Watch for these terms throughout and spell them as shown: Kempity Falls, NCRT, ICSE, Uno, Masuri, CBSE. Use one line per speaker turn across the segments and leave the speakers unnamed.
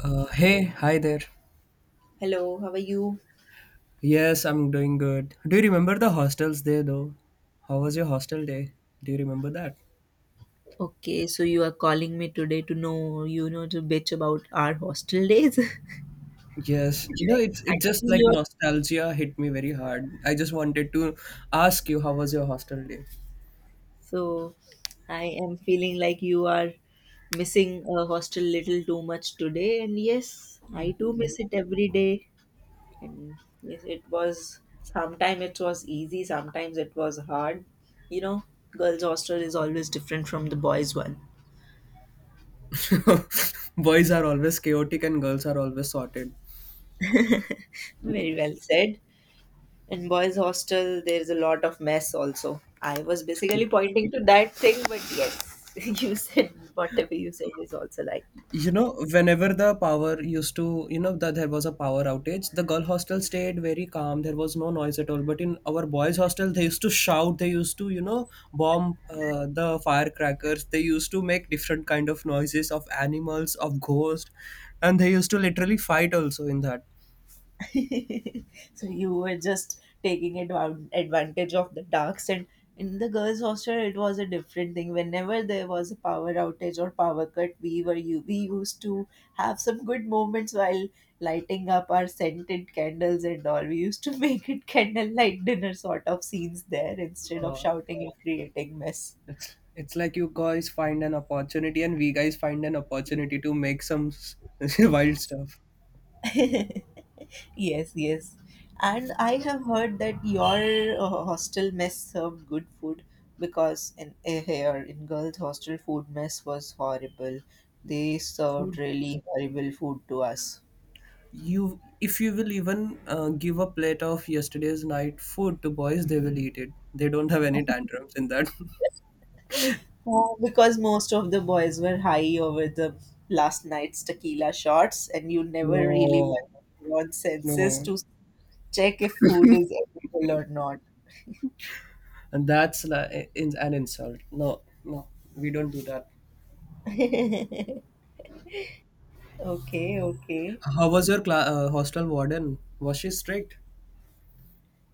Hey, hi there.
Hello, how are you?
Yes, I'm doing good. Do you remember the hostels day though? How was your hostel day? Do you remember that?
Okay, so you are calling me today to know, you know, to bitch about our hostel days.
Yes. You know,
Yes.
it's
I
it just
think
like
you are-
nostalgia hit me very hard. I just wanted to ask you how was your hostel day?
so I am feeling like you are missing a hostel little too much today, and yes, I too miss it every day. And yes, it was sometimes it was easy, sometimes it was hard. You know, girls' hostel is always different from the boys' one.
Boys are always chaotic and girls are always sorted.
Very well said. In boys hostel there is a lot of mess also. I was basically pointing to that thing, but yes. You said whatever you said is also right.
You know whenever the power used to, you know, that there was a power outage, the girl hostel stayed very calm, there was no noise at all, but in our boys hostel they used to shout, they used to, you know, bomb the firecrackers, they used to make different kind of noises of animals, of ghosts, and they used to literally fight also in that.
So you were just taking advantage of the darks. And in the girls hostel it was a different thing. Whenever there was a power outage or power cut, we were you we used to have some good moments while lighting up our scented candles and all. We used to make it candlelight dinner sort of scenes there instead of
uh,
shouting and creating mess.
it's like you guys find an opportunity and we guys find an opportunity to make some wild stuff.
Yes, yes. And I have heard that your hostel mess served good food because here in girls' hostel food mess was horrible. They served
Food
really horrible food to us.
You, if you will even give a plate of yesterday's night food to boys, they will eat it. They don't have any tantrums in that.
Oh, because most of the boys were high over the last night's tequila shots, and you never really
No,
went on senses
no,
to check if food is edible or not.
and that's like in, an insult. No, no, we don't do that.
Okay, okay.
How was your hostel warden? Was she strict?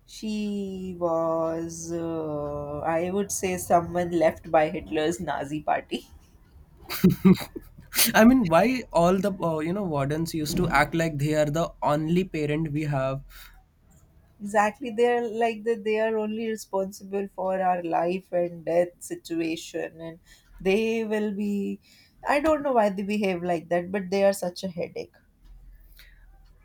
She was, I would say, someone left by Hitler's Nazi party.
I mean, why all the you know wardens used to act like they are the only parent we have?
Exactly, they're like that. They are only responsible for our life and death situation, and they will be. I don't know why they behave like that, but they are such a headache.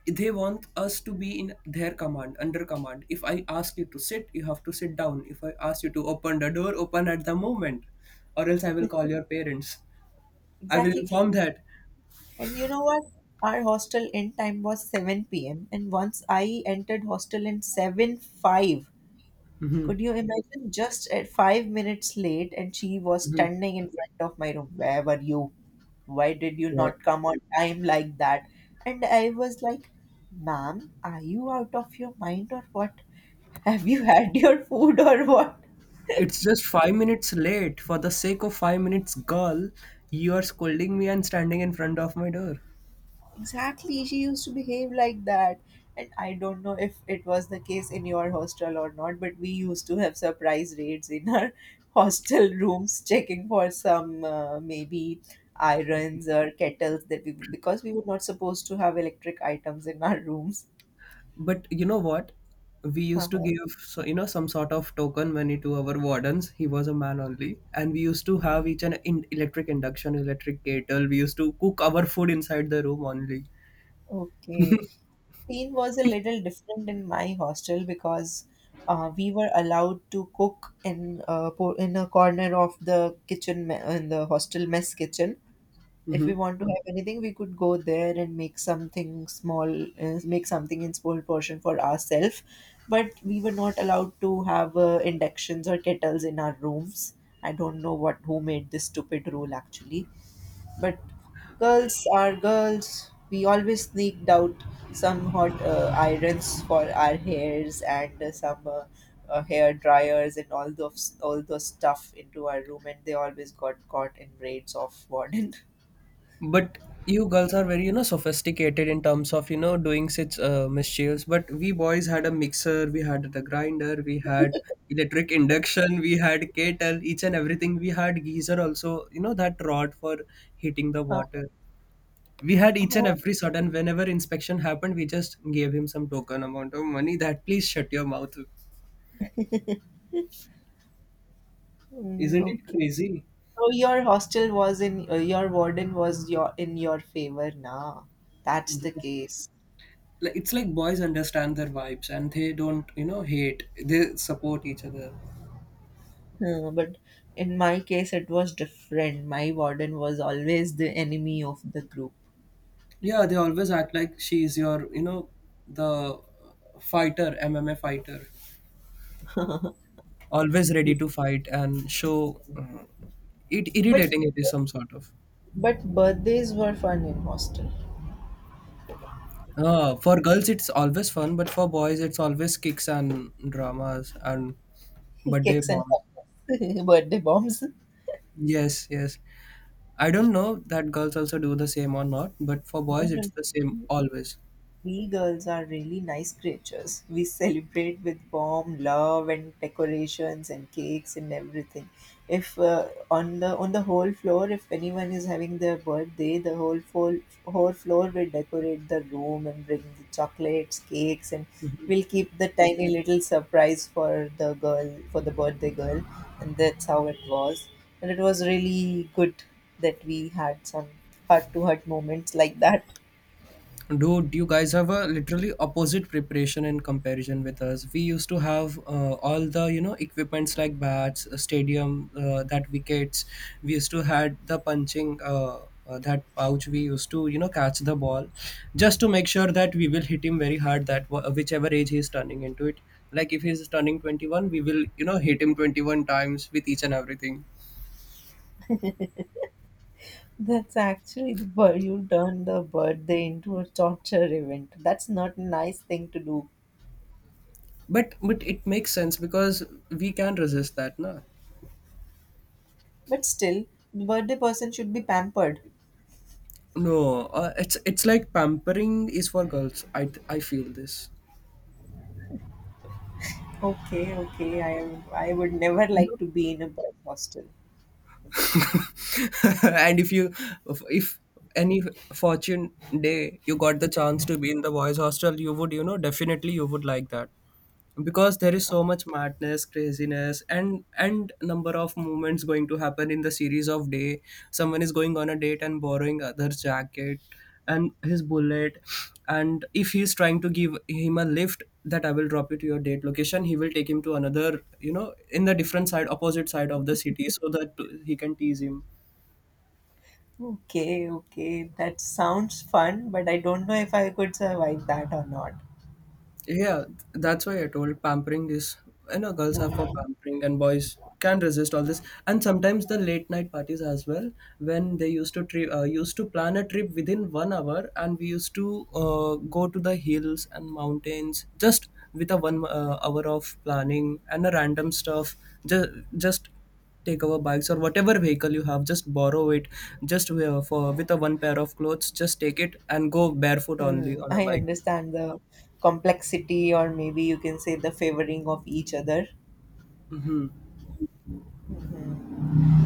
They want us to be in their command, under command. If I ask you to sit, you have to sit down. If I ask you to open the door, open at the moment, or else I will call your parents. I will
Exactly,
inform that.
and you know what? Our hostel end time was 7 p.m., and once I entered hostel in seven five.
Mhm.
Could you imagine? Just at 5 minutes late and she was standing in front of my room? Where were you? Why did you
What,
not come on time like that? And I was like, ma'am, are you out of your mind or what? Have you had your food or what?
it's just 5 minutes late. For the sake of 5 minutes, girl, you are scolding me and standing in front of my door.
Exactly, she used to behave like that. And I don't know if it was the case in your hostel or not, but we used to have surprise raids in our hostel rooms, checking for some, maybe, irons or kettles, that we, because we were not supposed to have electric items in our rooms.
But you know what? We used to
Uh-huh.
give, so you know, some sort of token money to our wardens. He was a man only, and we used to have each an electric induction, electric kettle. We used to cook our food inside the room only.
Okay. Scene was a little different in my hostel because we were allowed to cook in in a corner of the kitchen, in the hostel mess kitchen. If we want to have anything, we could go there and make something small, make something in small portion for ourselves. But we were not allowed to have inductions or kettles in our rooms. I don't know what, who made this stupid rule actually. But girls are girls, we always sneaked out some hot, irons for our hairs and some hair dryers and all those stuff into our room, and they always got caught in raids of warden.
But you girls are very, you know, sophisticated in terms of, you know, doing such mischiefs. But we boys had a mixer, we had the grinder, we had electric induction, we had kettle, each and everything. We had geyser also. You know, that rod for heating the water. We had each and
Oh,
every sudden whenever inspection happened, we just gave him some token amount of money that please shut your mouth.
mm,
Isn't it
okay.
crazy?
So your warden was your in your favor now. That's the
Yes.
case.
Like, it's like boys understand their vibes and they don't, you know, hate, they support each other.
Hmm, but in my case, it was different. My warden was always the enemy of the group.
Yeah, they always act like she's your, you know, the fighter, MMA fighter. Always ready to fight and show, it
But
irritating it is, some sort of
birthdays were fun in hostel.
for girls it's always fun, but for boys it's always kicks and dramas and birthday
Cakes and
bombs.
cupcakes, birthday bombs. No,
Yes, yes. I don't know that girls also do the same or not, but for
no,
boys it's
no.
the same always.
We girls are really nice creatures. We celebrate with warm love and decorations and cakes and everything. If, on the whole floor, if anyone is having their birthday, the whole floor will decorate the room and bring the chocolates, cakes, and we'll keep the tiny little surprise for the girl, for the birthday girl, and that's how it was. And it was really good that we had some heart to heart moments like that.
Dude, you guys have a literally opposite preparation in comparison with us. We used to have all the, you know, equipments like bats, a stadium, that wickets. We used to had the punching that pouch. We used to, you know, catch the ball, just to make sure that we will hit him very hard. That whichever age he is turning into it. Like if he is turning 21, we will, you know, hit him 21 times with each and everything.
That's actually the bird. You turned the birthday into a torture event. That's not a nice thing to do.
But it makes sense because we can resist that, no?
But still, the birthday person should be pampered.
No, it's like pampering is for girls. I feel this.
Okay, okay. I would never like to be in a boys' hostel.
And if any fortune day you got the chance to be in the boys hostel, you would, you know, definitely you would like that, because there is so much madness, craziness, and number of moments going to happen in the series of day. Someone is going on a date and borrowing other's jacket and his bullet, and if he's trying to give him a lift that I will drop you to your date location, he will take him to another, you know, in the different side, opposite side of the city, so that he can tease him.
Okay, okay. That sounds fun, but I don't know if I could survive that or not.
Yeah, that's why I told pampering is, you know, girls are for pampering and boys can resist all this. And sometimes the late night parties as well, when they used to used to plan a trip within 1 hour, and we used to go to the hills and mountains just with a one hour of planning and a random stuff. Just just take our bikes or whatever vehicle you have, just borrow it, just for with a one pair of clothes, just take it and go barefoot only
Hmm,
on a
I
bike.
understand the complexity, or maybe you can say the favoring of each other.
Hmm.
Hmm.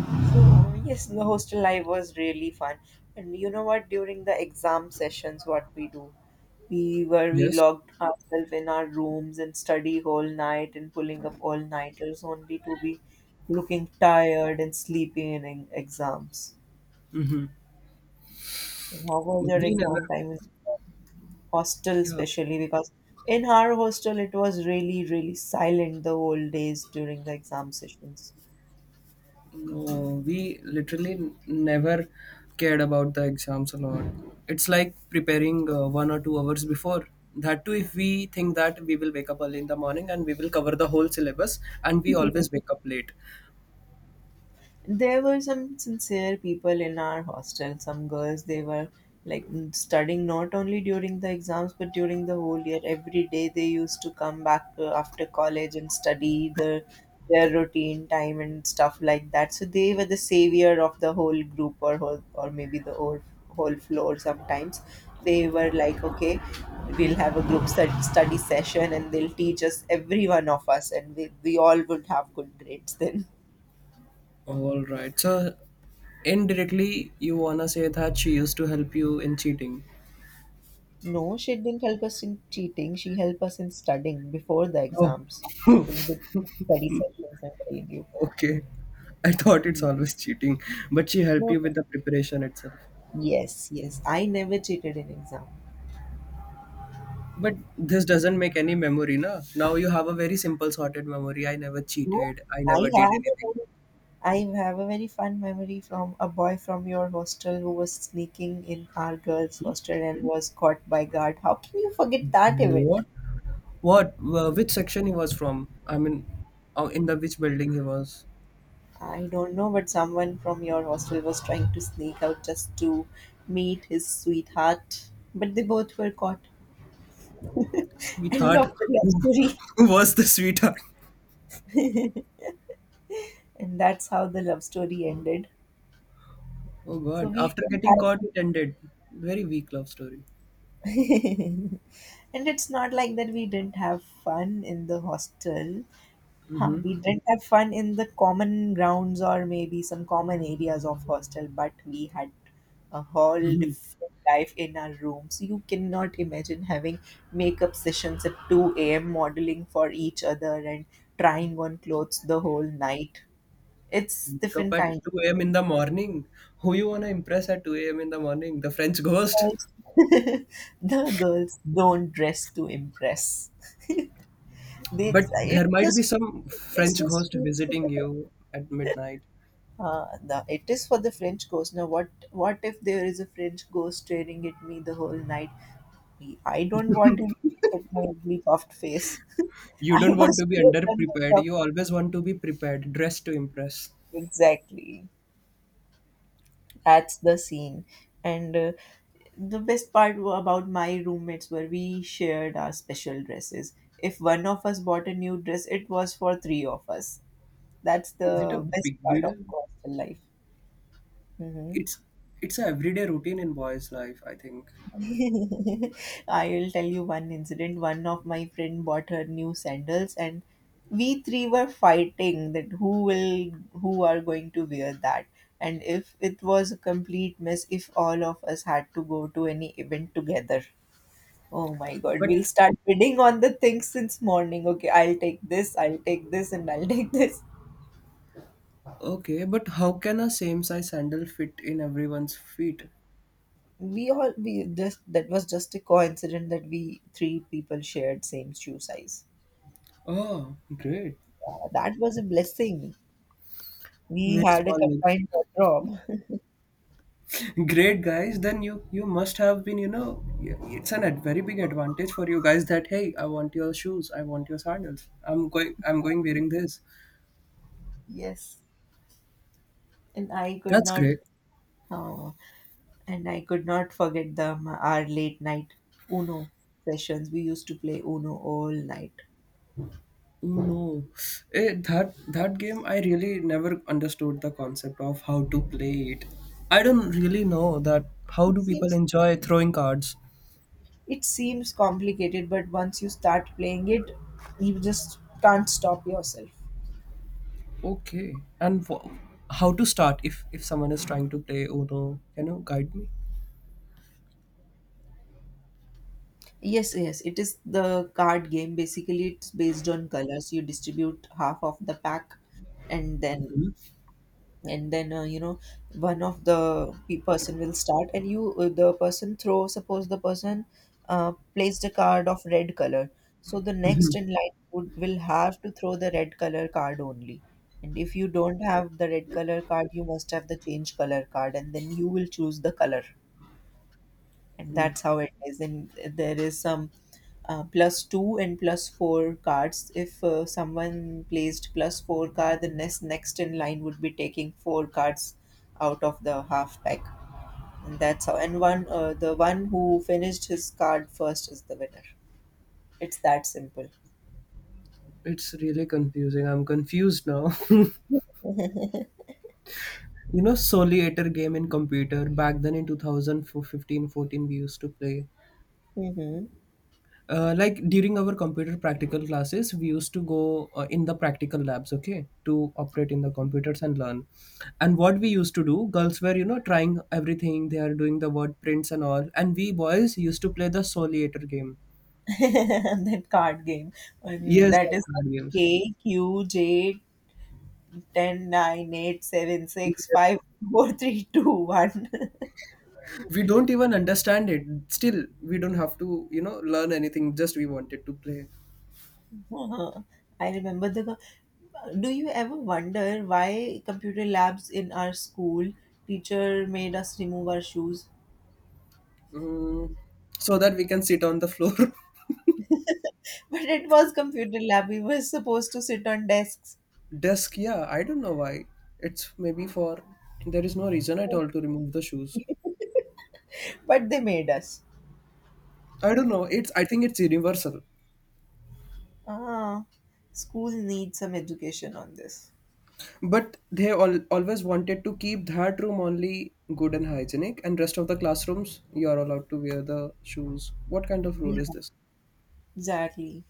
So yes, the hostel life was really fun. And you know what? During the exam sessions, what we do, we
Yes.
locked ourselves in our rooms and study whole night and pulling up all nighters only to be looking tired and sleepy in exams.
Mhm.
So how was your
We never,
exam time in hostel,
yeah,
especially because in our hostel it was really really silent the whole days during the exam sessions.
no, we literally never cared about the exams a lot. It's like preparing 1 or 2 hours before. That too, if we think that we will wake up early in the morning and we will cover the whole syllabus, and we always wake up late.
There were some sincere people in our hostel, some girls. They were like studying not only during the exams but during the whole year every day. They used to come back after college and study the their routine time and stuff like that. So they were the savior of the whole group, or whole, or maybe the whole floor sometimes. They were like, okay, we'll have a group study session and they'll teach us every one of us, and we all would have good grades then.
All right. So, indirectly, you wanna say that she used to help you in cheating.
No, she didn't help us in cheating. She helped us in studying before the
Oh,
exams in good study sessions, I'm telling you.
okay. I thought it's
Ye-
always cheating, but she helped
No,
you with
no.
the preparation itself.
Yes, yes. I never cheated in exam.
But this doesn't make any memory, na? Now you have a very simple sorted memory. I never
No,
cheated. I never
I
did
have a
anything.
very, I have a very fun memory from a boy from your hostel who was sneaking in our girls' hostel and was caught by guard. How can you forget that event?
What? What? Which section he was from? I mean, in the which building he was?
I don't know, but someone from your hostel was trying to sneak out just to meet his sweetheart. But they both were caught. End
Sweetheart.
of the love
Who,
story.
who was the sweetheart?
And that's how the love story ended.
Oh
So
God!
we
After
didn't
getting caught,
have.
it ended. Very weak love story.
And it's not like that we didn't have fun in the hostel. Huh, we didn't have fun in the common grounds or maybe some common areas of hostel, but we had a whole different life in our rooms. You cannot imagine having makeup sessions at 2 a.m., modeling for each other and trying on clothes the whole night. It's
Wake up
different
at
kind. Of
2 a.m. in the morning. Who you wanna impress at 2 a.m. in the morning? The French ghost.
girls. The girls don't dress to impress. They,
But there might be some
it's
French
just,
ghost visiting you at midnight.
it is for the French ghost. Now, what if there is a French ghost staring at me the whole night? I don't want him to look at my ugly puffed face.
You
I
don't want
must
to be
wear the
underprepared.
makeup.
You always want to be prepared, dressed to impress.
Exactly. That's the scene. And, the best part, about my roommates, were we shared our special dresses. If one of us bought a new dress, it was for three of us. That's
Is it a
the best
big
part of
deal?
hostel life. Hmm.
It's a everyday routine in boys' life, I think.
I'll tell you one incident. One of my friend bought her new sandals, and we three were fighting that who are going to wear that. And if it was a complete mess, if all of us had to go to any event together. Oh my God,
But
we'll start bidding on the things since morning. Okay, I'll take this, and I'll take this.
okay, but how can a same size sandal fit in everyone's feet?
We all we just, that was just a coincidence that we three people shared same shoe size.
Oh, great.
That was a blessing. We
Very
had a
small legs.
combined wardrobe.
Great guys, then you must have been, you know, it's an very big advantage for you guys that hey, I want your shoes, I want your sandals. I'm going wearing this.
Yes, and
That's great.
uh, I could not forget them. Our late night Uno sessions. We used to play Uno all night.
No, that game I really never understood the concept of how to play it. I don't really know that how
It
do people
seems
enjoy throwing cards.
it seems complicated, but once you start playing it, you just can't stop yourself.
Okay, and how to start if someone is trying to play Uno? Can you guide me?
Yes, yes, it is the card game. Basically, it's based on colors. You distribute half of the pack, and then and then, you know, one of the person will start, and you, the person throw. Suppose the person, placed a card of red color, so the next in line would will have to throw the red color card only. And if you don't have the red color card, you must have the change color card, and then you will choose the color. And that's how it is. And there is some, plus two and plus four cards. If, someone placed plus four card, the next in line would be taking four cards out of the half pack. And that's how, and one the one who finished his card first is the winner. It's that simple.
It's really confusing. I'm confused now. You know, Soliator game in computer back then in 2015-14 we used to play.
Mm-hmm.
Like during our computer practical classes we used to go in the practical labs, okay, to operate in the computers and learn, and what we used to do, girls were, you know, trying everything, they are doing the word prints and all, and we boys used to play the soliator game.
And then card game. And
Yes,
that
that
is like
card games,
K, Q, J, 10, 9, 8, 7, 6, 5, 4, 3, 2, 1.
we don't even understand it, still we don't have to, you know, learn anything, just we wanted to play.
Uh huh. I remember the. Co- Do you ever wonder why, computer labs in our school, teacher made us remove our shoes?
Mm, so that we can sit on the floor.
But it was computer lab. We were supposed to sit on desks,
Desk, yeah, I don't know why. It's maybe for there is no reason at all to remove the shoes.
but they made us.
I don't know. It's I think it's universal.
Ah, school needs some education on this.
But they all always wanted to keep that room only good and hygienic, and rest of the classrooms you are allowed to wear the shoes. What kind of rule
Yeah,
is this?
exactly.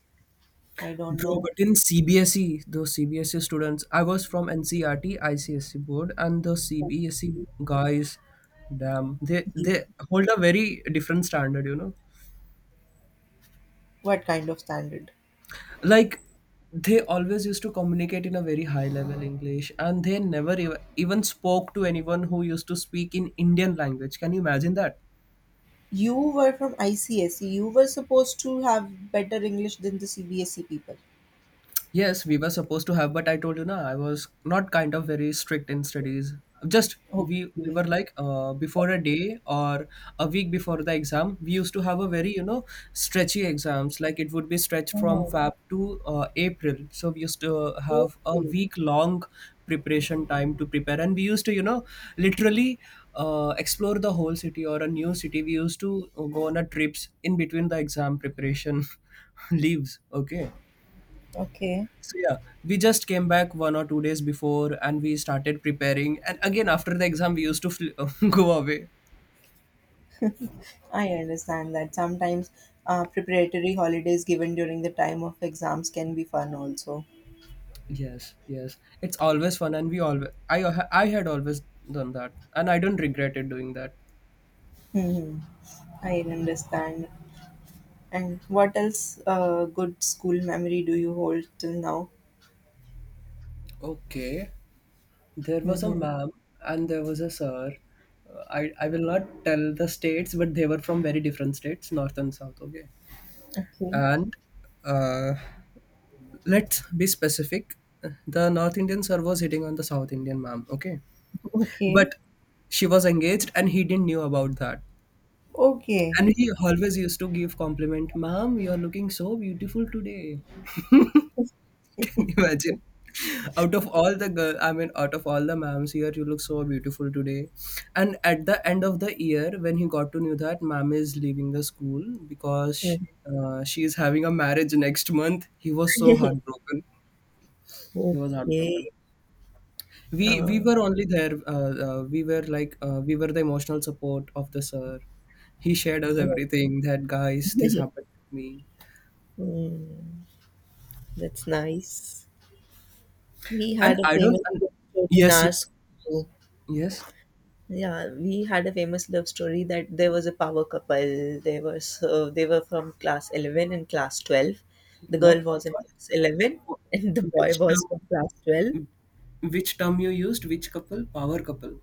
I don't
Bro,
know
but in CBSE, those CBSE students, I was from NCRT ICSE board, and the CBSE guys, damn, they hold a very different standard, you know.
what kind of standard.
Like they always used to communicate in a very high level english, and they never even spoke to anyone who used to speak in indian language. Can you imagine that?
You were from ICSE. You were supposed to have better English than the CBSE people.
Yes, we were supposed to have, but I told you na, I was not kind of very strict in studies. Just we
Okay.
were like before a day or a week before the exam, we used to have a very, you know, stretchy exams. Like it would be stretched from
Uh-huh.
Feb to April, so we used to have a
Okay.
week long preparation time to prepare, and we used to, you know, literally explore the whole city or a new city. We used to go on a trips in between the exam preparation leaves. Okay,
Okay.
so yeah, we just came back 1 or 2 days before, and we started preparing. And again, after the exam, we used to go away.
I understand that sometimes preparatory holidays given during the time of exams can be fun also.
Yes, yes, it's always fun, and we always I had always done that, and I don't regret it doing that.
Hmm, I understand. And what else good school memory do you hold till now?
Okay, there was a
Mm-hmm.
ma'am and there was a sir. I will not tell the states, but they were from very different states, north and south. Okay,
Okay,
and uh, let's be specific. The North Indian sir was hitting on the South Indian ma'am. Okay.
okay,
But she was engaged and he didn't knew about that.
okay.
And he always used to give compliment, "Ma'am, you are looking so beautiful today." Can you imagine? Out of all the girl, I mean, out of all the ma'ams here, you look so beautiful today. And at the end of the year, when he got to know that ma'am is leaving the school because
Mm.
she is having a marriage next month, he was so heartbroken. He was
Okay.
heartbroken. We
Uh,
were only there we were we were the emotional support of the sir. He shared us everything that, guys, this happened to me.
mm, that's nice. We
And
had a
I don't
famous
and
bookstore in
Yes,
our school.
yes.
Yeah, we had a famous love story that there was a power couple. They were from class 11 and class 12. The girl
what what,
was in
what,
class 11
what
and the boy
which
was
term,
from class 12.
which term you used, which couple? Power couple?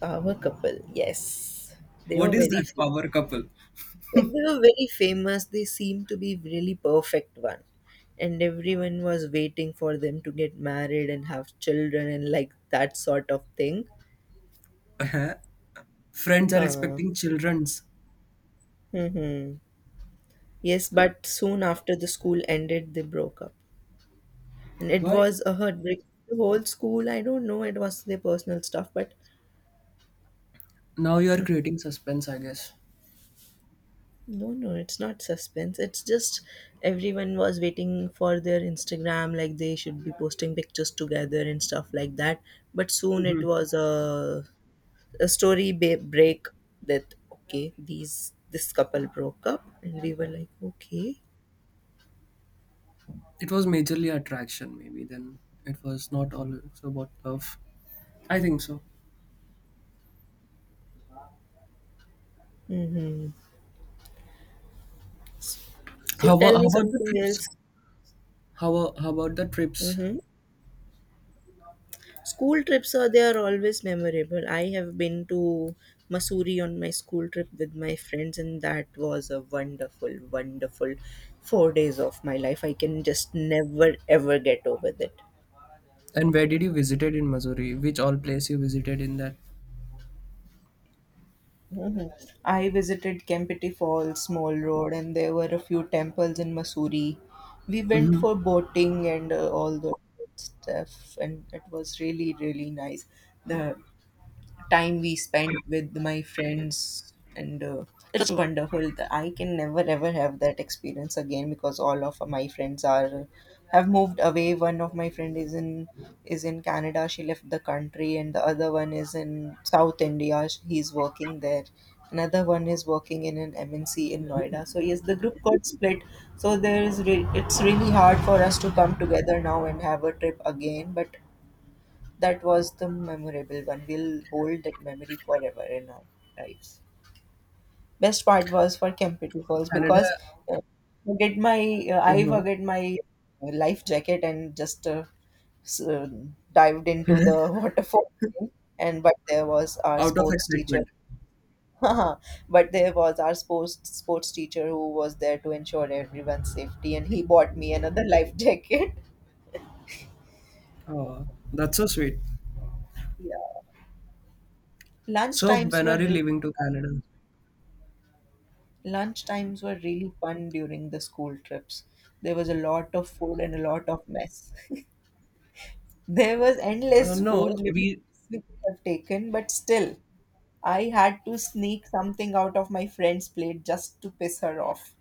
Power couple, yes. They were
What is
very
that
famous.
power couple?
Like they were very famous. They seemed to be really perfect one. And everyone was waiting for them to get married and have children and like that sort of thing.
Uh-huh. Friends are
Uh,
expecting children's?
mm-hmm. Yes, but soon after the school ended, they broke up. And it
Why?
was a heartbreak. The whole school, I don't know, it was their personal stuff, but
Now you are creating suspense, I guess.
no, no, it's not suspense. It's just everyone was waiting for their Instagram, like they should be posting pictures together and stuff like that. But soon it was a break that, okay, these this couple broke up, and we were like, okay.
It was majorly attraction maybe then, it was not all so about love. I think so.
Mm-hmm. So
How, wa-
tell
how
me
about the
something
trips?
else.
How, wa- how about the trips?
Mm-hmm. School trips are always memorable. I have been to Masuri on my school trip with my friends, and that was a wonderful, wonderful 4 days of my life. I can just never ever get over that.
And where did you visited in Missouri? Which all place you visited in that?
Mhm. I visited Kempity Falls, Small Road, and there were a few temples in Masuri. We went
Hmm.
for boating and all the stuff, and it was really, really nice. The time we spent with my friends, and it was wonderful. I can never ever have that experience again because all of my friends are have moved away. One of my friend is in Canada. She left the country, and the other one is in South India. He's working there. Another one is working in an MNC in Noida. So yes, the group got split. So there is it's really hard for us to come together now and have a trip again, but that was the memorable one. We'll hold that memory forever in our lives. Best part was for Kempity Falls because
Canada.
uh, forget my I
Uh.
forget my life jacket and just s- uh, dived into the waterfall. And but there was our
Out of
sports teacher.
excitement.
but there was our sports teacher who was there to ensure everyone's safety, and he bought me another life jacket.
Oh, that's so sweet.
Yeah. Lunch
So
times
when
were
are you leaving to Canada?
Lunch times were really fun during the school trips. There was a lot of food and a lot of mess. There was endless
No,
food limits
we,
we could have taken, but still, I had to sneak something out of my friend's plate just to piss her off.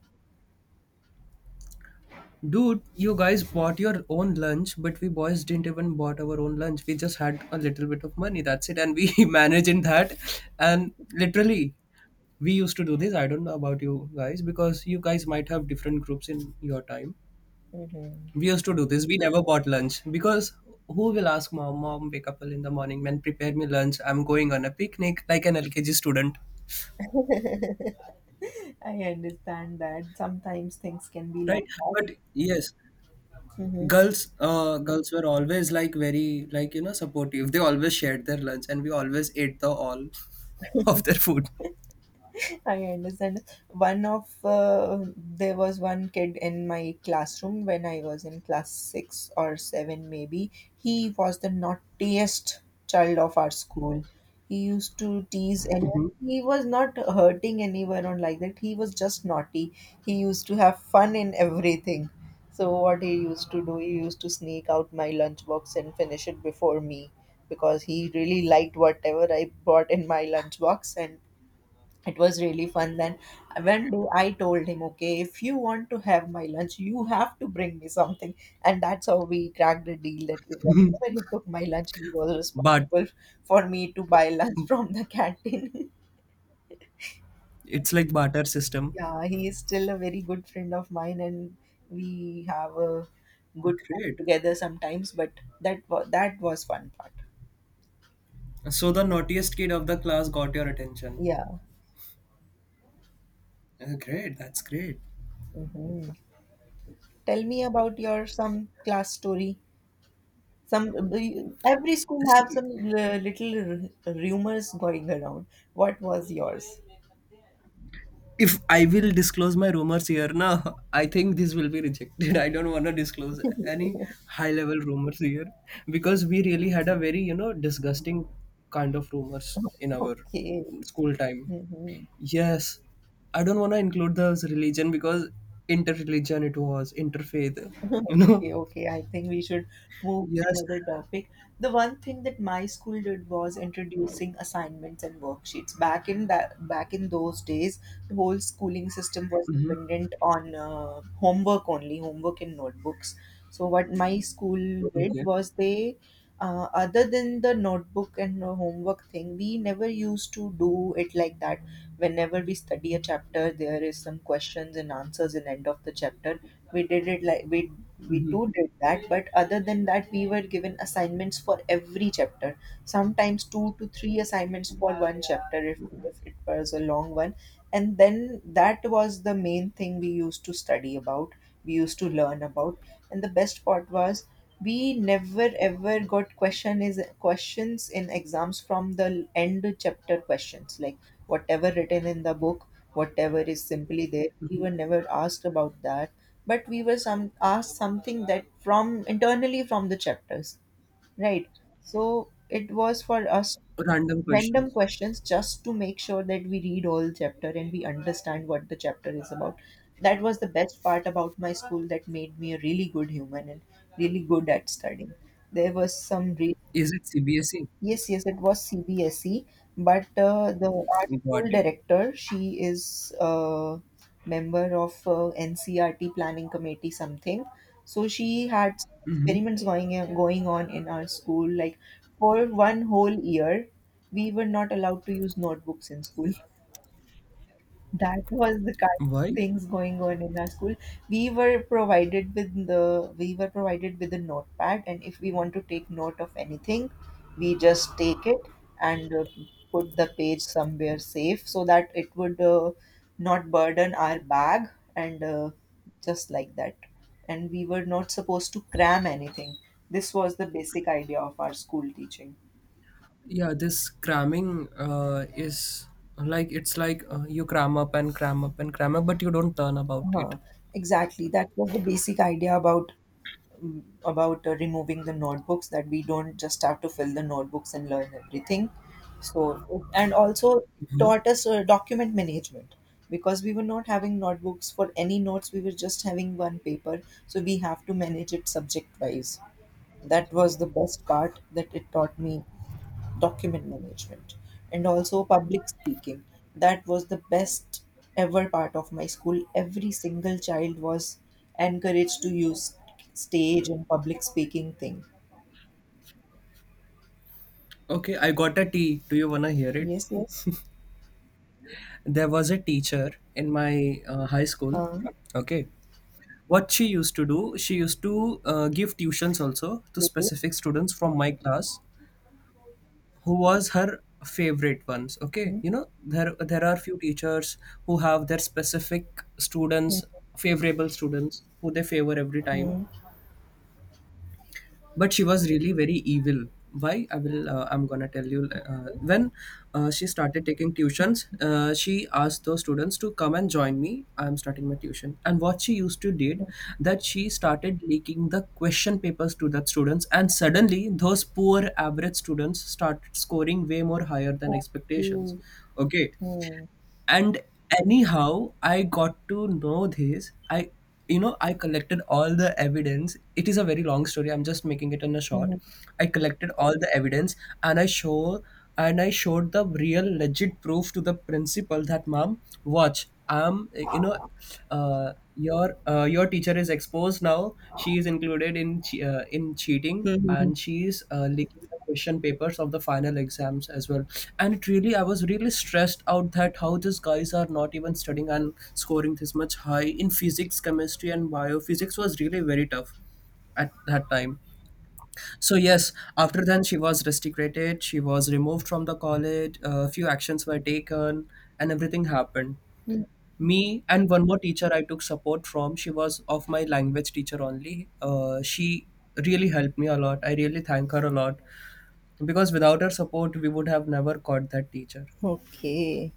dude, you guys bought your own lunch, but we boys didn't even bought our own lunch. We just had a little bit of money. That's it, and we managed in that, and literally we used to do this. I don't know about you guys because you guys might have different groups in your time.
Mhm.
We used to do this, we never bought lunch because who will ask mom, mom wake up early in the morning, man, prepare me lunch, I'm going on a picnic like an LKG student.
I understand that sometimes things can be like
Right?
that.
But yes,
Mhm.
girls were always like very, like, supportive. They always shared their lunch and we always ate the all of their food.
I understand. One of There was one kid in my classroom when I was in class six or seven, maybe. He was the naughtiest child of our school. He used to tease anyone. He was not hurting anyone or like that. He was just naughty. He used to have fun in everything. So what he used to do, he used to sneak out my lunchbox and finish it before me because he really liked whatever I brought in my lunchbox, and it was really fun. Then one day I told him, okay, if you want to have my lunch, you have to bring me something. And that's how we cracked the deal that whenever he took my lunch, he was
But
responsible for me to buy lunch from the canteen.
it's like barter system.
yeah, he is still a very good friend of mine, and we have a good time
Great.
together sometimes, but that was fun part.
So the naughtiest kid of the class got your attention.
Yeah.
Great, that's great.
Hmm, tell me about your some class story, some. Every school have
See,
some little rumors going around. What was yours?
if I will disclose my rumors here now, I think this will be rejected. I don't want to disclose any high level rumors here because we really had a very, you know, disgusting kind of rumors in our
okay.
school time.
Hmm.
Yes, I don't want to include the religion because inter-religion it was, interfaith, you know.
Okay, okay. I think we should move to
Yes.
another topic. The one thing that my school did was introducing assignments and worksheets. Back in those days, the whole schooling system was
Hmm.
dependent on homework only, homework and notebooks. So what my school did
Okay.
was other than the notebook and the homework thing, we never used to do it like that. Whenever we study a chapter, there is some questions and answers in end of the chapter. We did it like we too did that, but other than that, we were given assignments for every chapter, sometimes two to three assignments for one chapter if it was a long one. And then that was the main thing we used to study about, we used to learn about. And the best part was we never ever got questions in exams from the end chapter questions, like whatever written in the book, whatever is simply there, we were never asked about that. But we were some asked something that from internally from the chapters, right. So it was for us
Random
random
questions.
questions, just to make sure that we read all chapter and we understand what the chapter is about. That was the best part about my school that made me a really good human and really good at studying. There was some
Is it CBSE?
yes, yes, it was CBSE, but the our
Got
school
it.
director, she is a member of NCRT planning committee something. So she had some
Hmm.
experiments going on in our school. Like for one whole year, we were not allowed to use notebooks in school. That was the kind of
Why?
things going on in our school. We were provided with a notepad, and if we want to take note of anything, we just take it and put the page somewhere safe so that it would not burden our bag, and just like that. And we were not supposed to cram anything. This was the basic idea of our school teaching.
Yeah, this cramming is like, it's like, you cram up and cram up and cram up but you don't learn about it.
Uh-huh. Exactly. That was the basic idea about removing the notebooks, that we don't just have to fill the notebooks and learn everything. So and also
Mhm.
taught us document management, because we were not having notebooks for any notes, we were just having one paper, so we have to manage it subject wise. That was the best part that it taught me, document management, and also public speaking. That was the best ever part of my school. Every single child was encouraged to use stage and public speaking thing.
Okay, I got a tea, do you want to hear it?
Yes, yes.
There was a teacher in my high school.
Uh,
Okay, what she used to do, she used to give tuitions also to
okay.
specific students from my class who was her favorite ones, okay,
Hmm.
you know. There are few teachers who have their specific students, favorable students, who they favor every time.
Hmm.
But she was really very evil. Why, I will I'm gonna tell you. When she started taking tuitions, she asked those students to come and join me, I'm starting my tuition. And what she used to did, that she started leaking the question papers to the students, and suddenly those poor average students started scoring way more higher than expectations.
Okay.
Okay.
Hmm.
And anyhow, I got to know this. I, you know, I collected all the evidence. It is a very long story, I'm just making it in a short.
Hmm.
I collected all the evidence, and i show and I showed the real legit proof to the principal that, mom, watch, I'm, you know, your teacher is exposed now. She is included in in cheating,
Mhm.
and she's leaking the question papers of the final exams as well. And it really, I was really stressed out that how these guys are not even studying and scoring this much high in physics, chemistry, and biophysics was really very tough at that time. So yes, after then she was restricted. She was removed from the college. A few actions were taken, and everything happened.
Hmm.
Me and one more teacher I took support from, she was of my language teacher only. She really helped me a lot, I really thank her a lot, because without her support we would have never caught that teacher.
Okay.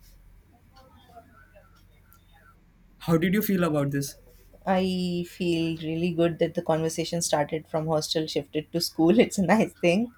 How did you feel about this?
I feel really good that the conversation started from hostel, shifted to school. It's a nice thing.